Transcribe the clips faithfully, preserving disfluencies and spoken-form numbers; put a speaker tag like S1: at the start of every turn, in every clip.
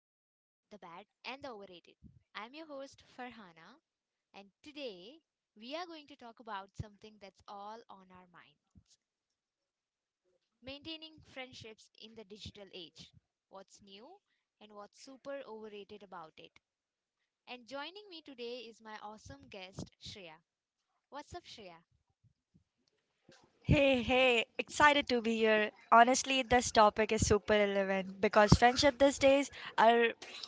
S1: bad, and the overrated. I'm your host Farhana, and today we are going to talk about something that's all on our minds: maintaining friendships in the digital age. What's new and what's super overrated about it? And joining me today is my awesome guest, Shreya. What's up, Shreya?
S2: Hey, hey, excited to be here. Honestly, this topic is super relevant because friendship these days are,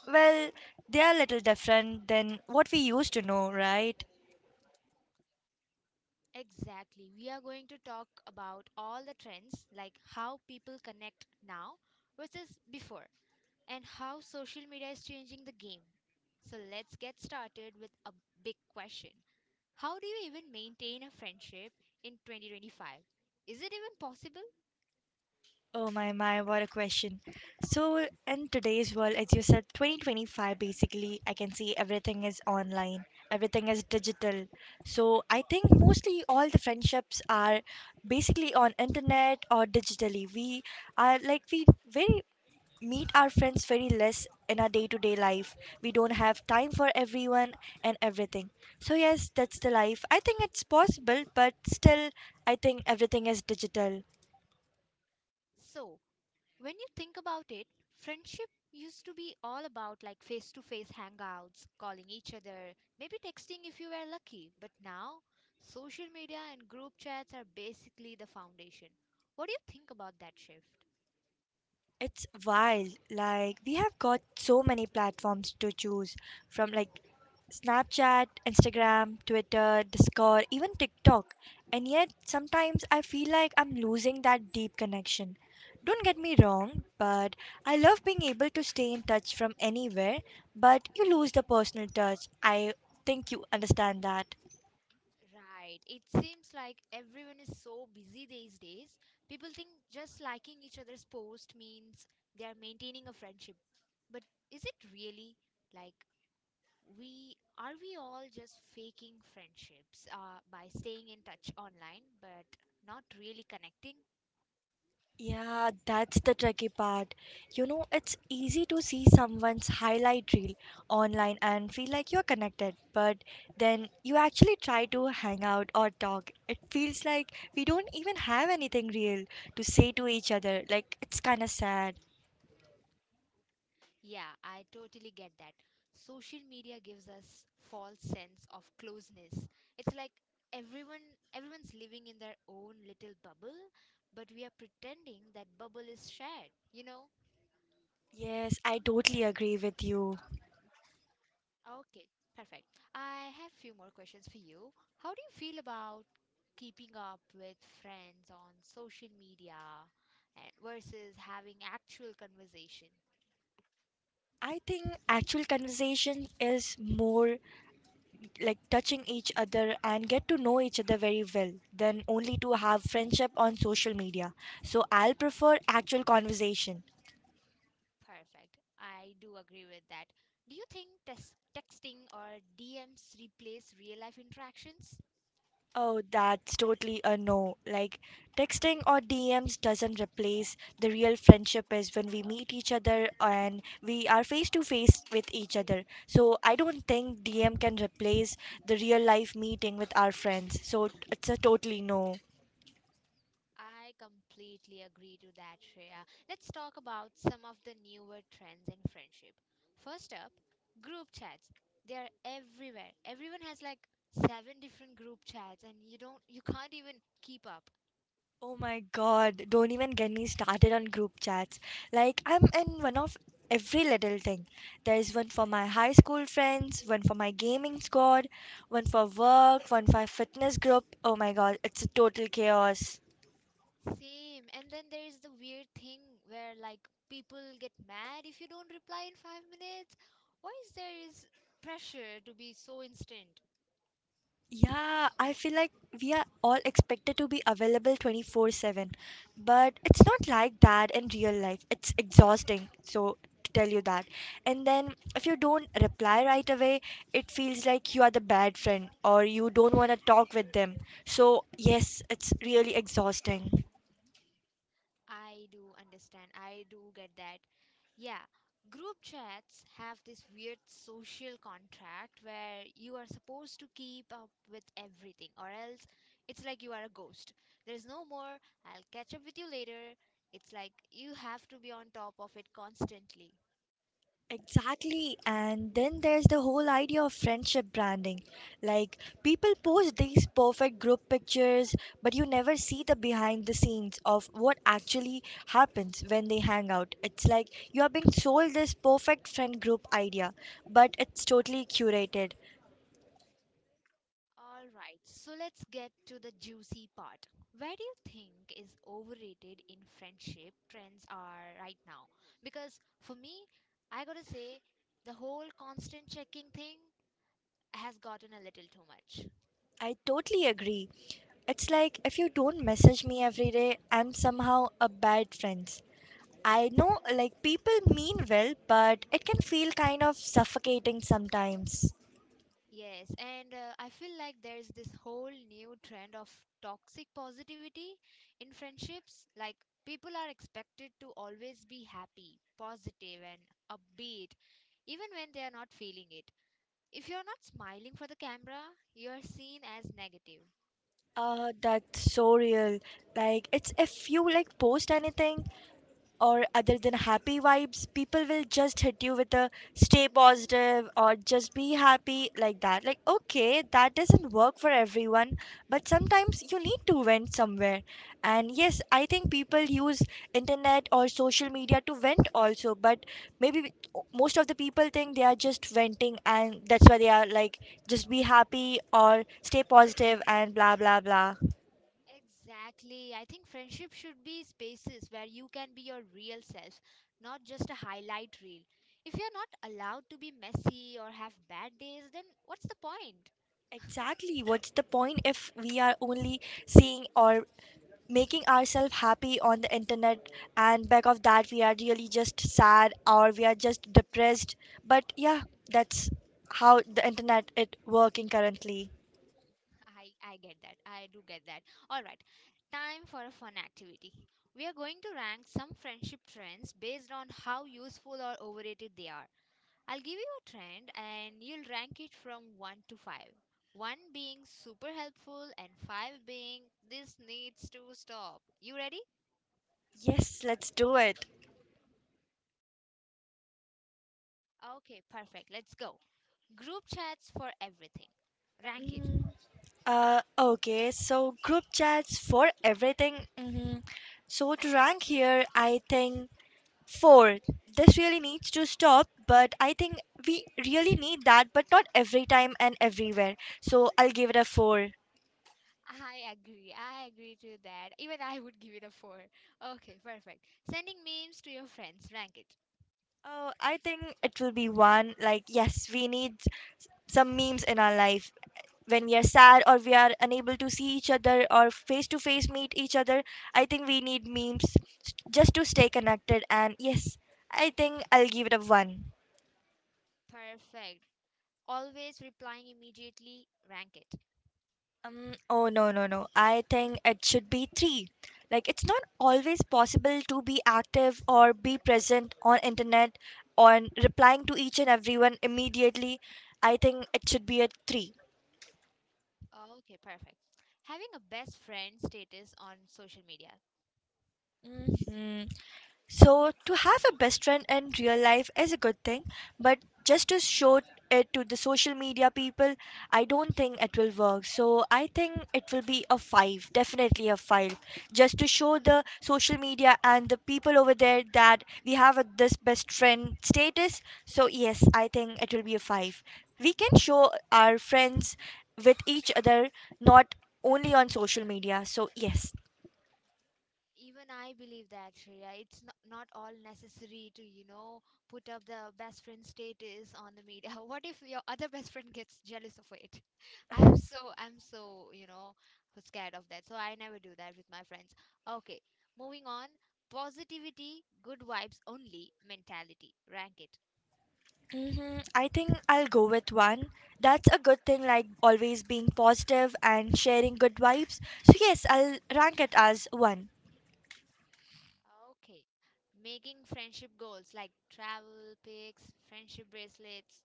S2: well, they are a little different than what we used to know, right?
S1: Exactly. We are going to talk about all the trends, like how people connect now versus before, and how social media is changing the game. So let's get started with a big question. How do you even maintain a friendship in twenty twenty-five? Is it even possible?
S2: Oh my my, what a question. So in today's world, as you said, twenty twenty-five basically, I can see everything is online, everything is digital. So I think mostly all the friendships are basically on internet or digitally. We are like we very meet our friends very less in our day-to-day life. We don't have time for everyone and everything. So yes, that's the life. I think it's possible, but still I think everything is digital.
S1: So, when you think about it, friendship used to be all about like face to face hangouts, calling each other, maybe texting if you were lucky. But now, social media and group chats are basically the foundation. What do you think about that shift?
S2: It's wild. Like, we have got so many platforms to choose from, like Snapchat, Instagram, Twitter, Discord, even TikTok. And yet, sometimes I feel like I'm losing that deep connection. Don't get me wrong, but I love being able to stay in touch from anywhere, but you lose the personal touch. I think you understand that.
S1: Right. It seems like everyone is so busy these days. People think just liking each other's post means they are maintaining a friendship. But is it really? Like, we are we all just faking friendships uh, by staying in touch online but not really connecting.
S2: Yeah, that's the tricky part. You know, it's easy to see someone's highlight reel online and feel like you're connected, but then you actually try to hang out or talk. It feels like we don't even have anything real to say to each other. Like, it's kind of sad.
S1: Yeah, I totally get that. Social media gives us false sense of closeness. It's like everyone everyone's living in their own little bubble, but we are pretending that bubble is shared, you know.
S2: Yes, I totally agree with you.
S1: Okay, perfect. I have few more questions for you. How do you feel about keeping up with friends on social media and versus having actual conversation?
S2: I think actual conversation is more like touching each other and get to know each other very well than only to have friendship on social media. So I'll prefer actual conversation.
S1: Perfect. I do agree with that. Do you think tes- texting or D Ms replace real life interactions?
S2: Oh, that's totally a no. Like texting or D Ms doesn't replace the real friendship is when we meet each other and we are face to face with each other. So I don't think D M can replace the real life meeting with our friends. So it's a totally no.
S1: I completely agree to that, Shreya. Let's talk about some of the newer trends in friendship. First up, group chats. They are everywhere. Everyone has like seven different group chats and you don't you can't even keep up.
S2: Oh my god, don't even get me started on group chats. Like, I'm in one of every little thing. There's one for my high school friends, one for my gaming squad, one for work, one for fitness group. Oh my god, it's a total chaos.
S1: Same. And then there is the weird thing where like people get mad if you don't reply in five minutes. Why is there is pressure to be so instant?
S2: Yeah, I feel like we are all expected to be available twenty-four seven, but it's not like that in real life. It's exhausting, so to tell you that. And then if you don't reply right away, it feels like you are the bad friend or you don't want to talk with them. So, yes, it's really exhausting.
S1: I do understand. I do get that. Yeah, group chats have this weird social contract where you are supposed to keep up with everything, or else it's like you are a ghost. There's no more, "I'll catch up with you later." It's like you have to be on top of it constantly.
S2: Exactly. And then there's the whole idea of friendship branding. Like, people post these perfect group pictures, but you never see the behind the scenes of what actually happens when they hang out. It's like you are being sold this perfect friend group idea, but it's totally curated.
S1: All right, so let's get to the juicy part. Where do you think is overrated in friendship trends are right now? Because for me, I gotta say, the whole constant checking thing has gotten a little too much.
S2: I totally agree. It's like if you don't message me every day, I'm somehow a bad friend. I know, like, people mean well, but it can feel kind of suffocating sometimes.
S1: Yes, and uh, I feel like there's this whole new trend of toxic positivity in friendships. Like, people are expected to always be happy, positive, and upbeat, even when they are not feeling it. If you're not smiling for the camera, you're seen as negative.
S2: Uh, that's so real. Like, it's if you like post anything, or other than happy vibes, people will just hit you with a stay positive or just be happy like that. Like, okay, that doesn't work for everyone, but sometimes you need to vent somewhere. And yes, I think people use internet or social media to vent also, but maybe most of the people think they are just venting and that's why they are like, just be happy or stay positive and blah blah blah.
S1: Exactly. I think friendship should be spaces where you can be your real self, not just a highlight reel. If you're not allowed to be messy or have bad days, then what's the point?
S2: Exactly. What's the point if we are only seeing or making ourselves happy on the internet and back of that we are really just sad or we are just depressed. But yeah, that's how the internet it working currently.
S1: I, I get that. I do get that. All right. Time for a fun activity. We are going to rank some friendship trends based on how useful or overrated they are. I'll give you a trend and you'll rank it from one to five. one being super helpful and five being this needs to stop. You ready?
S2: Yes, let's do it.
S1: Okay, perfect. Let's go. Group chats for everything. Rank it.
S2: Mm, uh, okay, so group chats for everything. hmm So to rank here, I think fourth, this really needs to stop, but I think we really need that, but not every time and everywhere. So I'll give it a four.
S1: I agree. I agree to that. Even I would give it a four. Okay, perfect. Sending memes to your friends. Rank it.
S2: Oh, I think it will be one. Like, yes, we need s- some memes in our life. When we are sad or we are unable to see each other or face to face meet each other, I think we need memes s- just to stay connected. And yes, I think I'll give it a one.
S1: Perfect. Always replying immediately. Rank it.
S2: Um, oh, no no no. I think it should be three. Like it's not always possible to be active or be present on internet on replying to each and everyone immediately. I think it should be a three.
S1: Okay, perfect. Having a best friend status on social media.
S2: hmm So to have a best friend in real life is a good thing, but just to show it to the social media people, I don't think it will work. So I think it will be a five, definitely a five, just to show the social media and the people over there that we have a, this best friend status. So yes, I think it will be a five. We can show our friends with each other, not only on social media. So yes.
S1: Even I believe that, Shreya. It's not, not all necessary to, you know, put up the best friend status on the media. What if your other best friend gets jealous of it? I'm so, I'm so, you know, scared of that. So I never do that with my friends. Okay, moving on. Positivity, good vibes only mentality. Rank it.
S2: hmm I think I'll go with one. That's a good thing, like always being positive and sharing good vibes. So, yes, I'll rank it as one.
S1: Okay. Making friendship goals like travel, pics, friendship bracelets.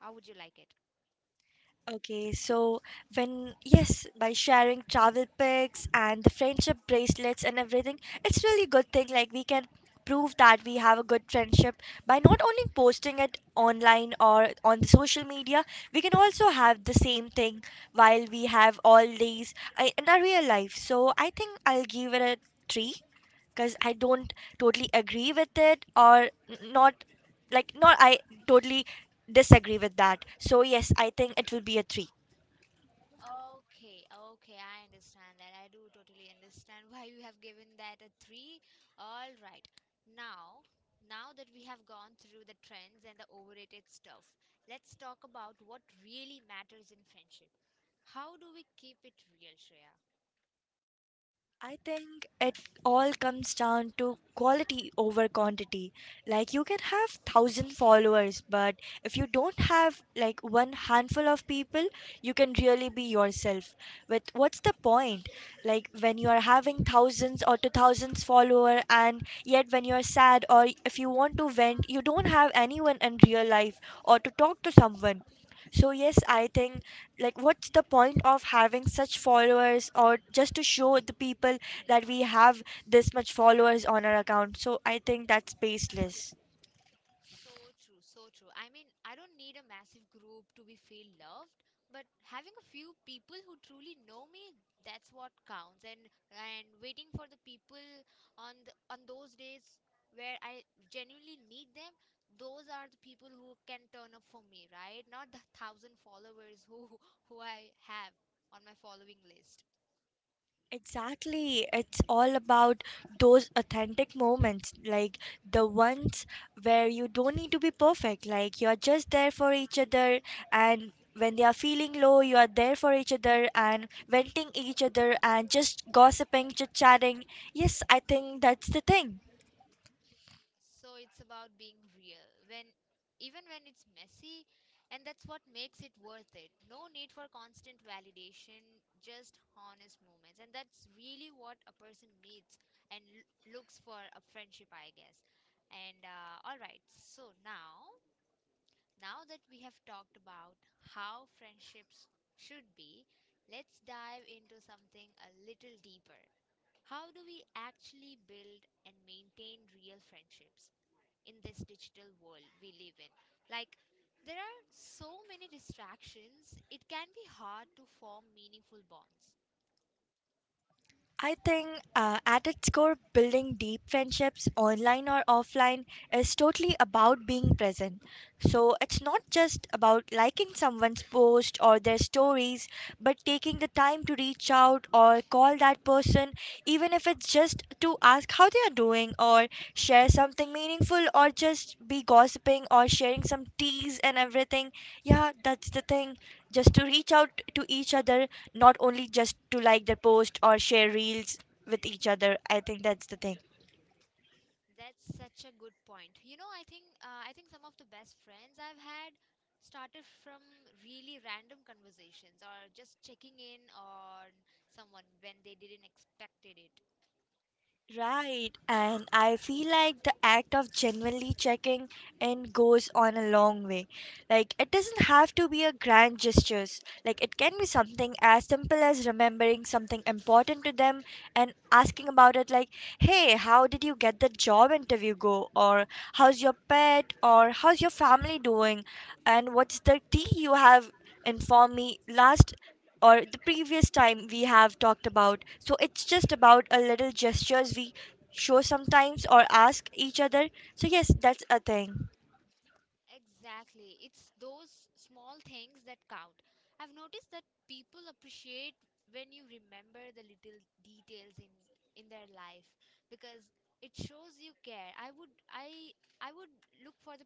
S1: How would you like it?
S2: Okay, so when yes by sharing travel pics and the friendship bracelets and everything, it's really good thing like we can prove that we have a good friendship by not only posting it online or on the social media. We can also have the same thing while we have all these uh, in our real life. So I think I'll give it a three, because I don't totally agree with it or n- not like not I totally disagree with that. So yes, I think it will be a three.
S1: Okay, okay, I understand that. I do totally understand why you have given that a three. All right. Now, now that we have gone through the trends and the overrated stuff, let's talk about what really matters in friendship. How do we keep it real, Shreya?
S2: I think it all comes down to quality over quantity. Like you can have thousand followers, but if you don't have like one handful of people, you can really be yourself. But what's the point? Like when you are having thousands or two thousands follower, and yet when you are sad or if you want to vent, you don't have anyone in real life or to talk to someone. So yes, I think like what's the point of having such followers or just to show the people that we have this much followers on our account. So I think that's baseless.
S1: So true, so true. I mean, I don't need a massive group to be feel loved, but having a few people who truly know me, that's what counts. And and waiting for the people on the, on those days where I genuinely need them, those are the people who can turn up for me, right? Not the thousand followers who who I have on my following list.
S2: Exactly. It's all about those authentic moments, like the ones where you don't need to be perfect, like you're just there for each other, and when they are feeling low, you are there for each other and venting each other and just gossiping, chit chatting. Yes, I think that's the thing.
S1: So it's about being real when even when it's messy, and that's what makes it worth it. No need for constant validation, just honest moments. And that's really what a person needs and l- looks for a friendship, I guess. And uh, all right, so now now that we have talked about how friendships should be, let's dive into something a little deeper. How do we actually build and maintain real friendships in this digital world we live in? Like, there are so many distractions, it can be hard to form meaningful bonds.
S2: I think uh, at its core, building deep friendships online or offline is totally about being present. So it's not just about liking someone's post or their stories, but taking the time to reach out or call that person, even if it's just to ask how they are doing or share something meaningful or just be gossiping or sharing some teas and everything. Yeah, that's the thing. Just to reach out to each other, not only just to like their post or share reels with each other. I think that's the thing.
S1: That's such a good point. You know, I think uh, I think some of the best friends I've had started from really random conversations or just checking in on someone when they didn't expected it.
S2: Right, and I feel like the act of genuinely checking in goes on a long way. Like it doesn't have to be a grand gestures. Like it can be something as simple as remembering something important to them and asking about it like, "Hey, how did you get the job interview go?" or "How's your pet?" or "How's your family doing?" and "What's the tea you have informed me last or the previous time we have talked about?" So it's just about a little gestures we show sometimes or ask each other. So yes, that's a thing.
S1: Exactly. It's those small things that count. I've noticed that people appreciate when you remember the little details in in their life because it shows you care. I would I I would look for the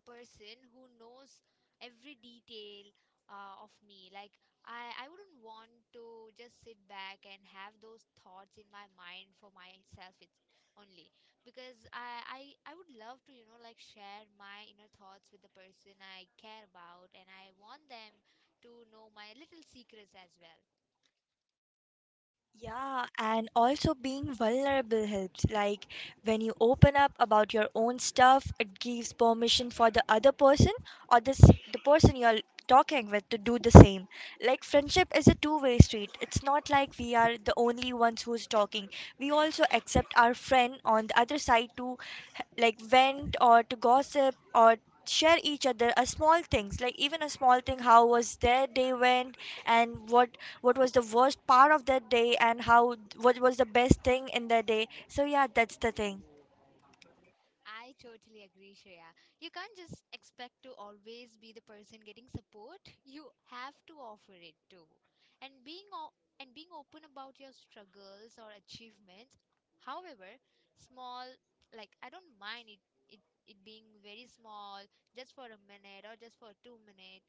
S1: a person who knows every detail uh, of me. Like I I wouldn't want to just sit back and have those thoughts in my mind for myself it only, because I, I I would love to, you know, like share my inner thoughts with the person I care about, and I want them to know my little secrets as well.
S2: Yeah, and also being vulnerable helps. Like when you open up about your own stuff, it gives permission for the other person or the s- the person you're talking with to do the same. Like friendship is a two-way street. It's not like we are the only ones who's talking. We also accept our friend on the other side to h- like vent or to gossip or share each other a small things like even a small thing how was their day went and what what was the worst part of that day and how what was the best thing in their day. So yeah, that's the thing.
S1: I totally agree, Shreya. You can't just expect to always be the person getting support. You have to offer it too. And being o- and being open about your struggles or achievements, however small, like I don't mind it it, it being very small, just for a minute or just for two minutes.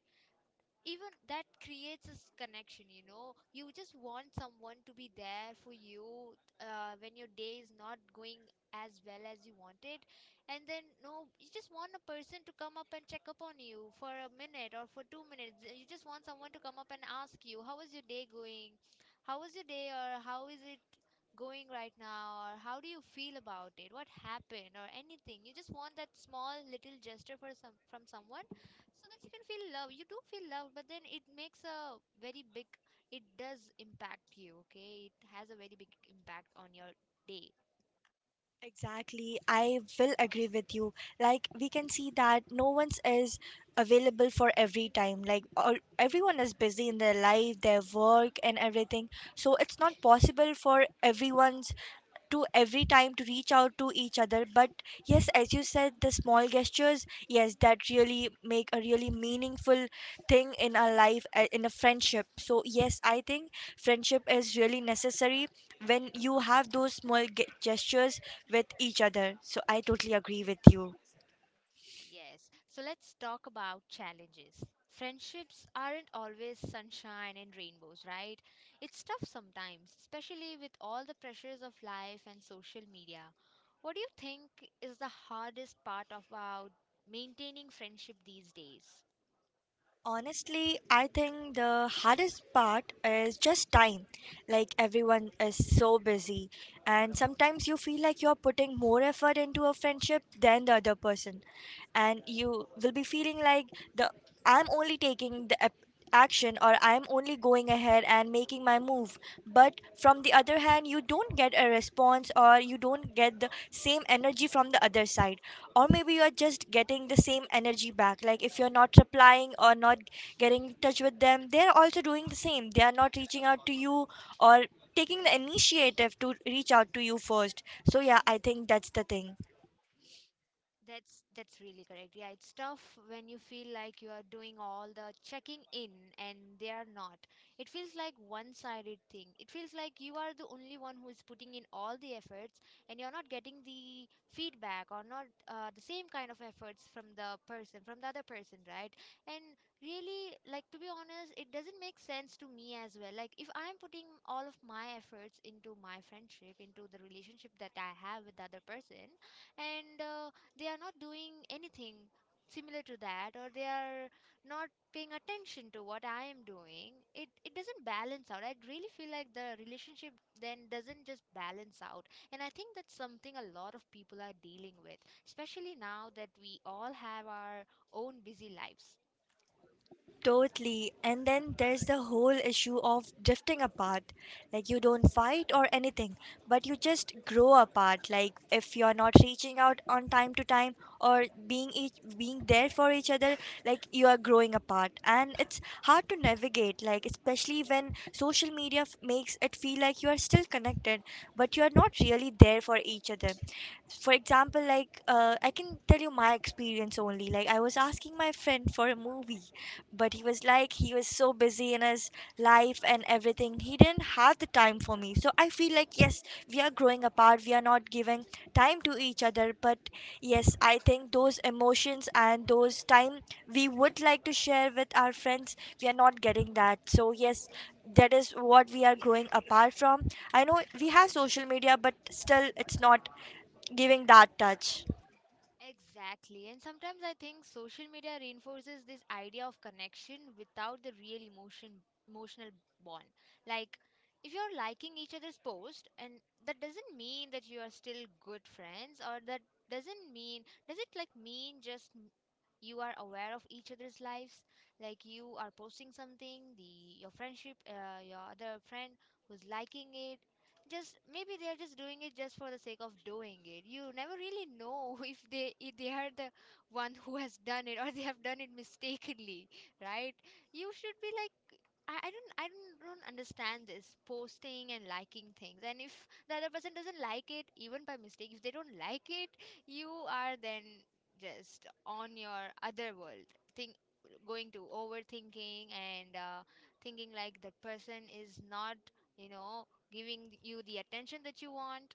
S1: Even that creates this connection, you know, you just want someone to be there for you uh, when your day is not going as well as you want it. And then no, you just want a person to come up and check up on you for a minute or for two minutes. You just want someone to come up and ask you how was your day going, how was your day, or how is it going right now, or how do you feel about it, what happened, or anything. You just want that small little gesture for some from someone, so that you can feel love. You do feel love, but then it makes a very big it does impact you. Okay, it has a very big impact on your day.
S2: Exactly, I will agree with you. Like, we can see that no one's is available for every time. Like, all, everyone is busy in their life, their work, and everything. So, it's not possible for everyone's to every time to reach out to each other, but yes as you said the small gestures, yes, that really make a really meaningful thing in our life, uh, in a friendship. So yes, I think friendship is really necessary when you have those small ge- gestures with each other. So I totally agree with you.
S1: Yes, so let's talk about challenges. Friendships aren't always sunshine and rainbows, right? It's tough sometimes, especially with all the pressures of life and social media. What do you think is the hardest part about maintaining friendship these days?
S2: Honestly, I think the hardest part is just time. Like everyone is so busy, and sometimes you feel like you're putting more effort into a friendship than the other person, and you will be feeling like the I'm only taking the ap- action or I'm only going ahead and making my move. But from the other hand, you don't get a response or you don't get the same energy from the other side. Or maybe you are just getting the same energy back. Like if you're not replying or not getting in touch with them, they're also doing the same. They are not reaching out to you or taking the initiative to reach out to you first. So, yeah, I think that's the thing.
S1: That's that's really correct. Yeah, it's tough when you feel like you are doing all the checking in and they are not. It feels like one-sided thing. It feels like you are the only one who is putting in all the efforts and you're not getting the feedback or not uh, the same kind of efforts from the person, from the other person, right? And really, like to be honest, it doesn't make sense to me as well. Like if I'm putting all of my efforts into my friendship, into the relationship that I have with the other person, and uh, they are not doing anything similar to that, or they are not paying attention to what I am doing, it it doesn't balance out. I really feel like the relationship then doesn't just balance out. And I think that's something a lot of people are dealing with, especially now that we all have our own busy lives.
S2: Totally. And then there's the whole issue of drifting apart. Like you don't fight or anything, but you just grow apart. Like if you're not reaching out on time to time or being each being there for each other, like you are growing apart. And it's hard to navigate, like especially when social media f- makes it feel like you are still connected, but you are not really there for each other. For example, like, uh, I can tell you my experience only. Like I was asking my friend for a movie, but he was like he was so busy in his life and everything. He didn't have the time for me, so I feel like, yes, we are growing apart, we are not giving time to each other. But yes, I think those emotions and those time we would like to share with our friends, we are not getting that. So yes, that is what we are growing apart from. I know we have social media but still it's not giving that touch.
S1: Exactly. And sometimes I think social media reinforces this idea of connection without the real emotion emotional bond. Like, if you're liking each other's post, and that doesn't mean that you are still good friends, or that doesn't mean, does it, like, mean just you are aware of each other's lives. Like, you are posting something, the your friendship uh, your other friend who's liking it, just maybe they're just doing it just for the sake of doing it. You never really know if they if they are the one who has done it or they have done it mistakenly, right? You should be like, I, I don't I don't, don't understand this posting and liking things. And if the other person doesn't like it, even by mistake, if they don't like it, you are then just on your other world thing, going to overthinking and uh, thinking like the person is not, you know giving you the attention that you want.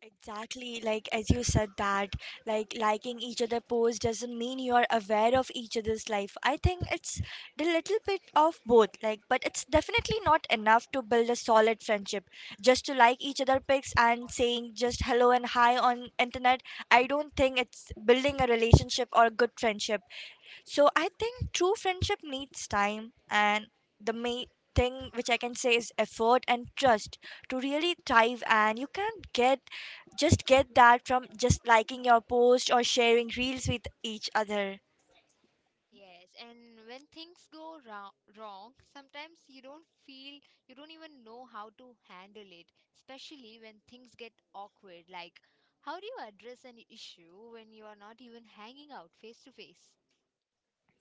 S2: Exactly, like as you said that, like liking each other post doesn't mean you are aware of each other's life. I think it's the little bit of both, like, but it's definitely not enough to build a solid friendship. Just to like each other pics and saying just hello and hi on internet, I don't think it's building a relationship or a good friendship. So I think true friendship needs time, and the main thing which I can say is effort and trust to really thrive, and you can't get just get that from just liking your post or sharing reels with each other.
S1: Yes, and when things go wrong, wrong, sometimes you don't feel, you don't even know how to handle it, especially when things get awkward. Like, how do you address an issue when you are not even hanging out face to face?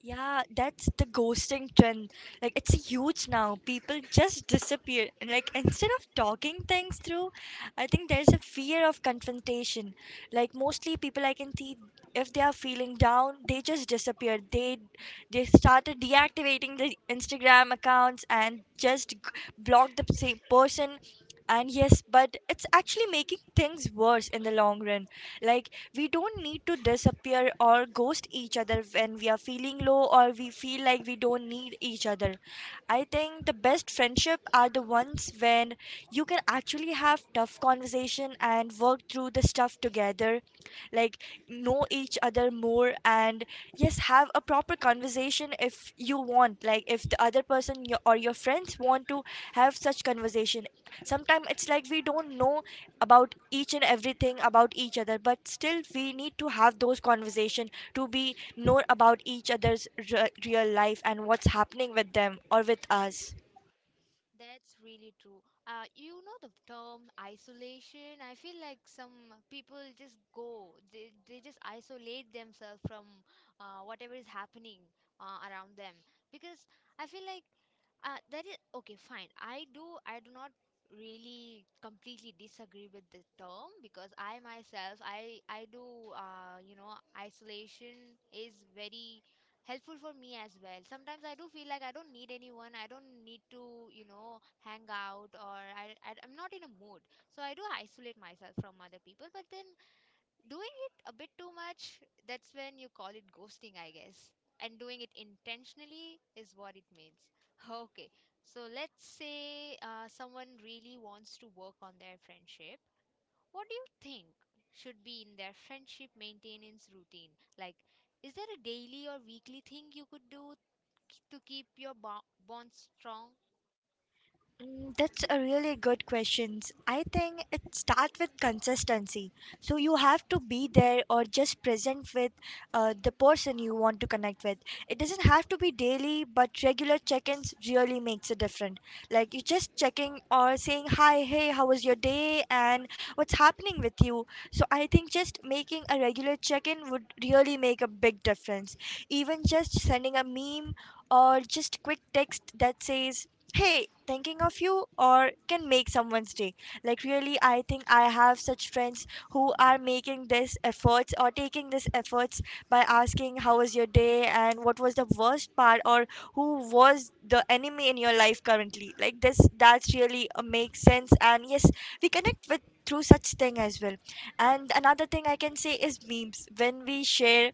S2: Yeah, that's the ghosting trend. Like it's huge now. People just disappear. And like instead of talking things through, I think there's a fear of confrontation. Like mostly people I can see, if they are feeling down, they just disappear. They they started deactivating the Instagram accounts and just g- block the same person. And yes, but it's actually making things worse in the long run. Like we don't need to disappear or ghost each other when we are feeling low or we feel like we don't need each other. I think the best friendship are the ones when you can actually have tough conversation and work through the stuff together, like know each other more, and yes, have a proper conversation if you want. Like if the other person your, or your friends want to have such conversation, sometimes it's like we don't know about each and everything about each other, but still we need to have those conversation to be know about each other's re- real life and what's happening with them or with us.
S1: That's really true. Uh, you know the term isolation. I feel like some people just go, they, they just isolate themselves from uh, whatever is happening uh, around them. Because I feel like uh, that is okay, fine. I do, I do not really completely disagree with the term, because I myself, I, I do, uh, you know, isolation is very helpful for me as well. Sometimes I do feel like I don't need anyone. I don't need to, you know, hang out, or I, I I'm not in a mood. So I do isolate myself from other people. But then doing it a bit too much, that's when you call it ghosting, I guess. And doing it intentionally is what it means. Okay, so let's say uh, someone really wants to work on their friendship, what do you think should be in their friendship maintenance routine? Like, is there a daily or weekly thing you could do k- to keep your bo- bond strong?
S2: Mm, that's a really good question. I think it starts with consistency. So you have to be there or just present with uh, the person you want to connect with. It doesn't have to be daily, but regular check-ins really makes a difference. Like you just checking or saying hi, hey, how was your day, and what's happening with you. So I think just making a regular check-in would really make a big difference. Even just sending a meme or just quick text that says hey thinking of you or can make someone's day. Like really, I think I have such friends who are making this efforts or taking this efforts by asking how was your day and what was the worst part or who was the enemy in your life currently. Like this, that's really, uh, makes sense. And yes, we connect with through such thing as well. And another thing I can say is memes. When we share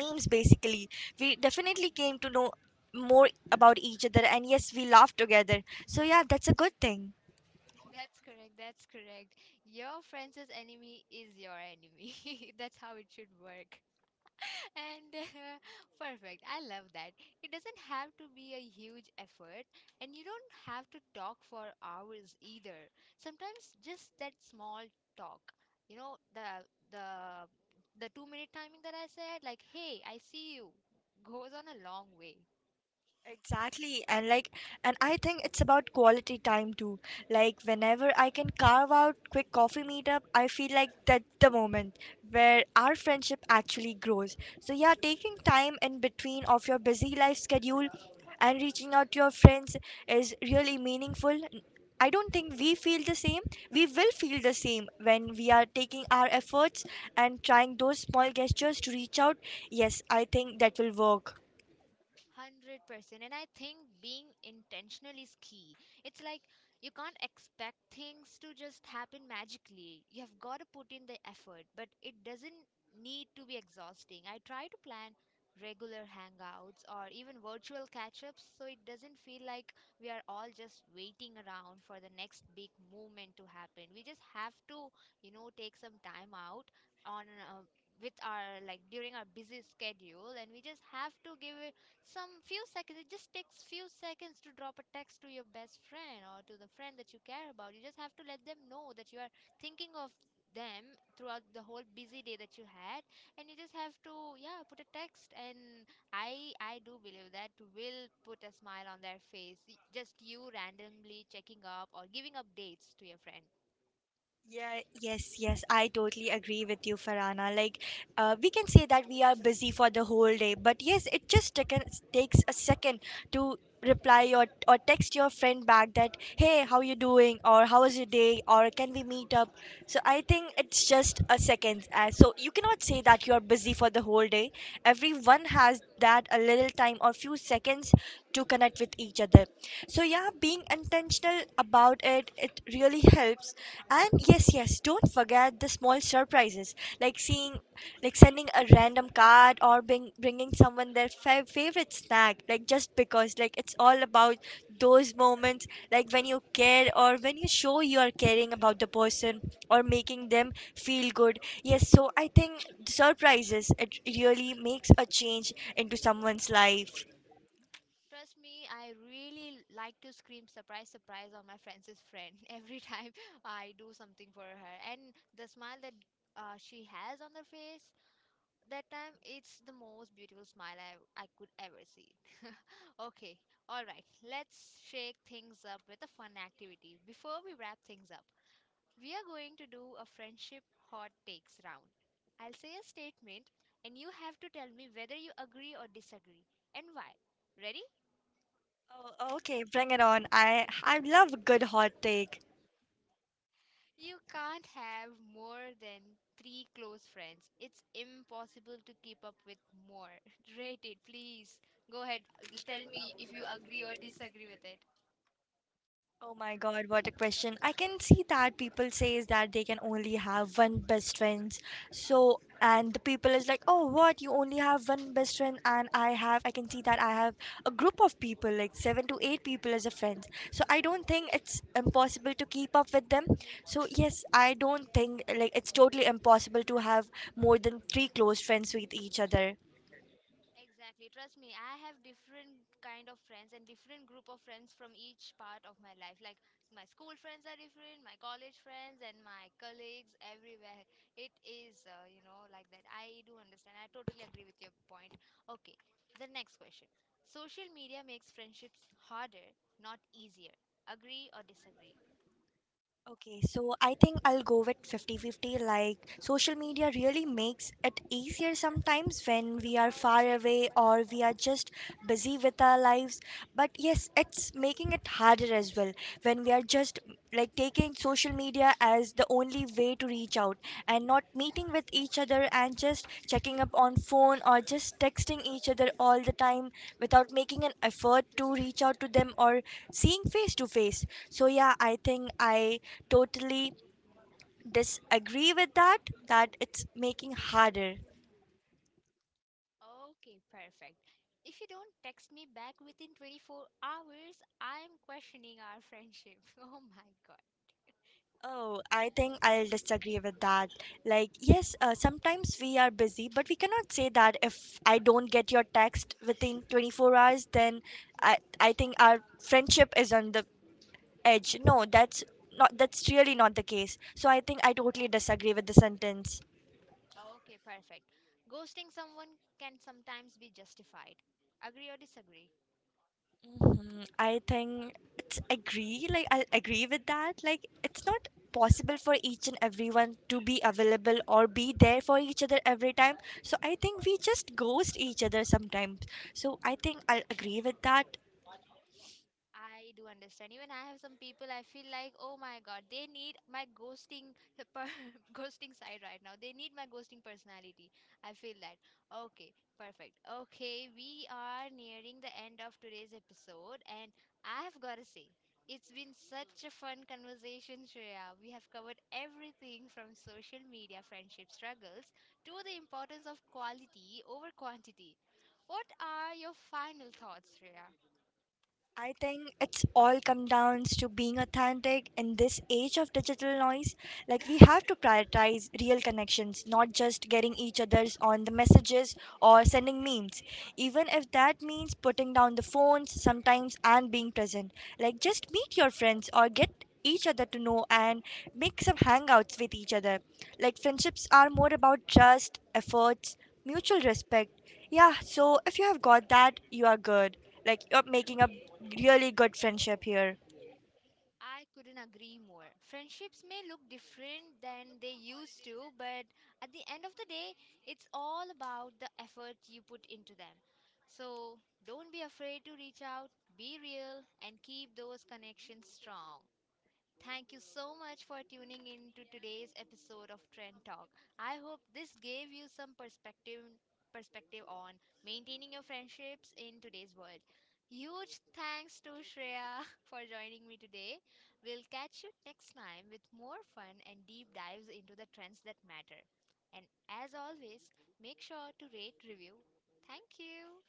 S2: memes basically, we definitely came to know more about each other, and yes, we laughed together. So yeah, that's a good thing.
S1: That's correct. That's correct. Your friend's enemy is your enemy. That's how it should work. and uh, perfect, I love that. It doesn't have to be a huge effort, and you don't have to talk for hours either. Sometimes just that small talk, you know, the the the two minute timing that I said, like, hey, I see you, goes on a long way.
S2: Exactly. And like, and I think it's about quality time too. Like, whenever I can carve out quick coffee meetup, I feel like that's the moment where our friendship actually grows. So, yeah, taking time in between of your busy life schedule and reaching out to your friends is really meaningful. I don't think we feel the same. We will feel the same when we are taking our efforts and trying those small gestures to reach out. Yes, I think that will work.
S1: one hundred percent and I think being intentional is key. It's like, you can't expect things to just happen magically. You have got to put in the effort, but it doesn't need to be exhausting. I try to plan regular hangouts or even virtual catch-ups, so it doesn't feel like we are all just waiting around for the next big movement to happen. We just have to, you know, take some time out on uh, with our, like, during our busy schedule, and we just have to give some few seconds. It just takes few seconds to drop a text to your best friend or to the friend that you care about. You just have to let them know that you are thinking of them throughout the whole busy day that you had, and you just have to, yeah, put a text. And i i do believe that will put a smile on their face. Y- just you randomly checking up or giving updates to your friend.
S2: Yeah, yes, yes, I totally agree with you, Farana. Like, uh, we can say that we are busy for the whole day, but yes, it just taken, takes a second to reply or, or text your friend back that, hey, how you doing? Or how was your day? Or can we meet up? So I think it's just a second. Uh, so you cannot say that you're busy for the whole day. Everyone has that a little time or few seconds to connect with each other. So yeah, being intentional about it, it really helps. And yes, yes, don't forget the small surprises, like seeing, like sending a random card or bring, bringing someone their fa- favorite snack, like just because, like it's all about those moments, like when you care or when you show you are caring about the person or making them feel good. Yes, so I think surprises, it really makes a change into someone's life.
S1: Trust me, I really like to scream, surprise, surprise, on my friend's friend every time I do something for her. And the smile that uh, she has on her face that time, it's the most beautiful smile I, I could ever see. Okay, alright, let's shake things up with a fun activity. Before we wrap things up, we are going to do a friendship hot takes round. I'll say a statement, and you have to tell me whether you agree or disagree, and why. Ready?
S2: Oh, okay, bring it on. I, I love a good hot take.
S1: You can't have more than three close friends. It's impossible to keep up with more. Rate it, please. Go ahead. Tell me if you agree or disagree with it.
S2: Oh my God, what a question. I can see that people says that they can only have one best friend. So, and the people is like, oh, what? You only have one best friend, and I have, I can see that I have a group of people, like seven to eight people as a friend. So I don't think it's impossible to keep up with them. So yes, I don't think like it's totally impossible to have more than three close friends with each other.
S1: Exactly. Trust me, I have different kind of friends and different group of friends from each part of my life. Like, my school friends are different, my college friends, and my colleagues, everywhere. It is, uh, you know, like that. I do understand. I totally agree with your point. Okay. The next question. Social media makes friendships harder, not easier. Agree or disagree?
S2: Okay, so I think I'll go with fifty-fifty. Like, social media really makes it easier sometimes when we are far away or we are just busy with our lives. But yes, it's making it harder as well when we are just like taking social media media as the only way to reach out and not meeting with each other and just checking up on phone or just texting each other all the time without making an effort to reach out to them or seeing face to face. So yeah, I think I totally disagree with that, that it's making harder.
S1: Okay, perfect. If you don't text me back within twenty-four hours, I am questioning our friendship. Oh my god.
S2: Oh, I think I'll disagree with that. Like, yes, uh, sometimes we are busy, but we cannot say that if I don't get your text within twenty-four hours, then I, I think our friendship is on the edge. No, that's not that's really not the case. So I think I totally disagree with the sentence.
S1: Okay, perfect. Ghosting someone can sometimes be justified. Agree or disagree?
S2: I think it's agree. Like I agree with that. Like it's not possible for each and everyone to be available or be there for each other every time. So I think we just ghost each other sometimes. So I think I'll agree with that.
S1: I do understand. Even I have some people I feel like, oh my god, they need my ghosting per- ghosting side right now. They need my ghosting personality. I feel that. Okay, perfect. Okay, we are nearing the end of today's episode, and I have got to say, it's been such a fun conversation, Shreya. We have covered everything from social media friendship struggles to the importance of quality over quantity. What are your final thoughts, Shreya?
S2: I think it's all come down to being authentic in this age of digital noise. Like we have to prioritize real connections, not just getting each other's on the messages or sending memes. Even if that means putting down the phones sometimes and being present. Like just meet your friends or get each other to know and make some hangouts with each other. Like friendships are more about trust, efforts, mutual respect. Yeah, so if you have got that, you are good. Like you're making a really good friendship here.
S1: I couldn't agree more. Friendships may look different than they used to, but at the end of the day, it's all about the effort you put into them. So don't be afraid to reach out, be real, and keep those connections strong. Thank you so much for tuning in to today's episode of Trend Talk. I hope this gave you some perspective perspective on maintaining your friendships in today's world. Huge thanks to Shreya for joining me today. We'll catch you next time with more fun and deep dives into the trends that matter. And as always, make sure to rate review. Thank you.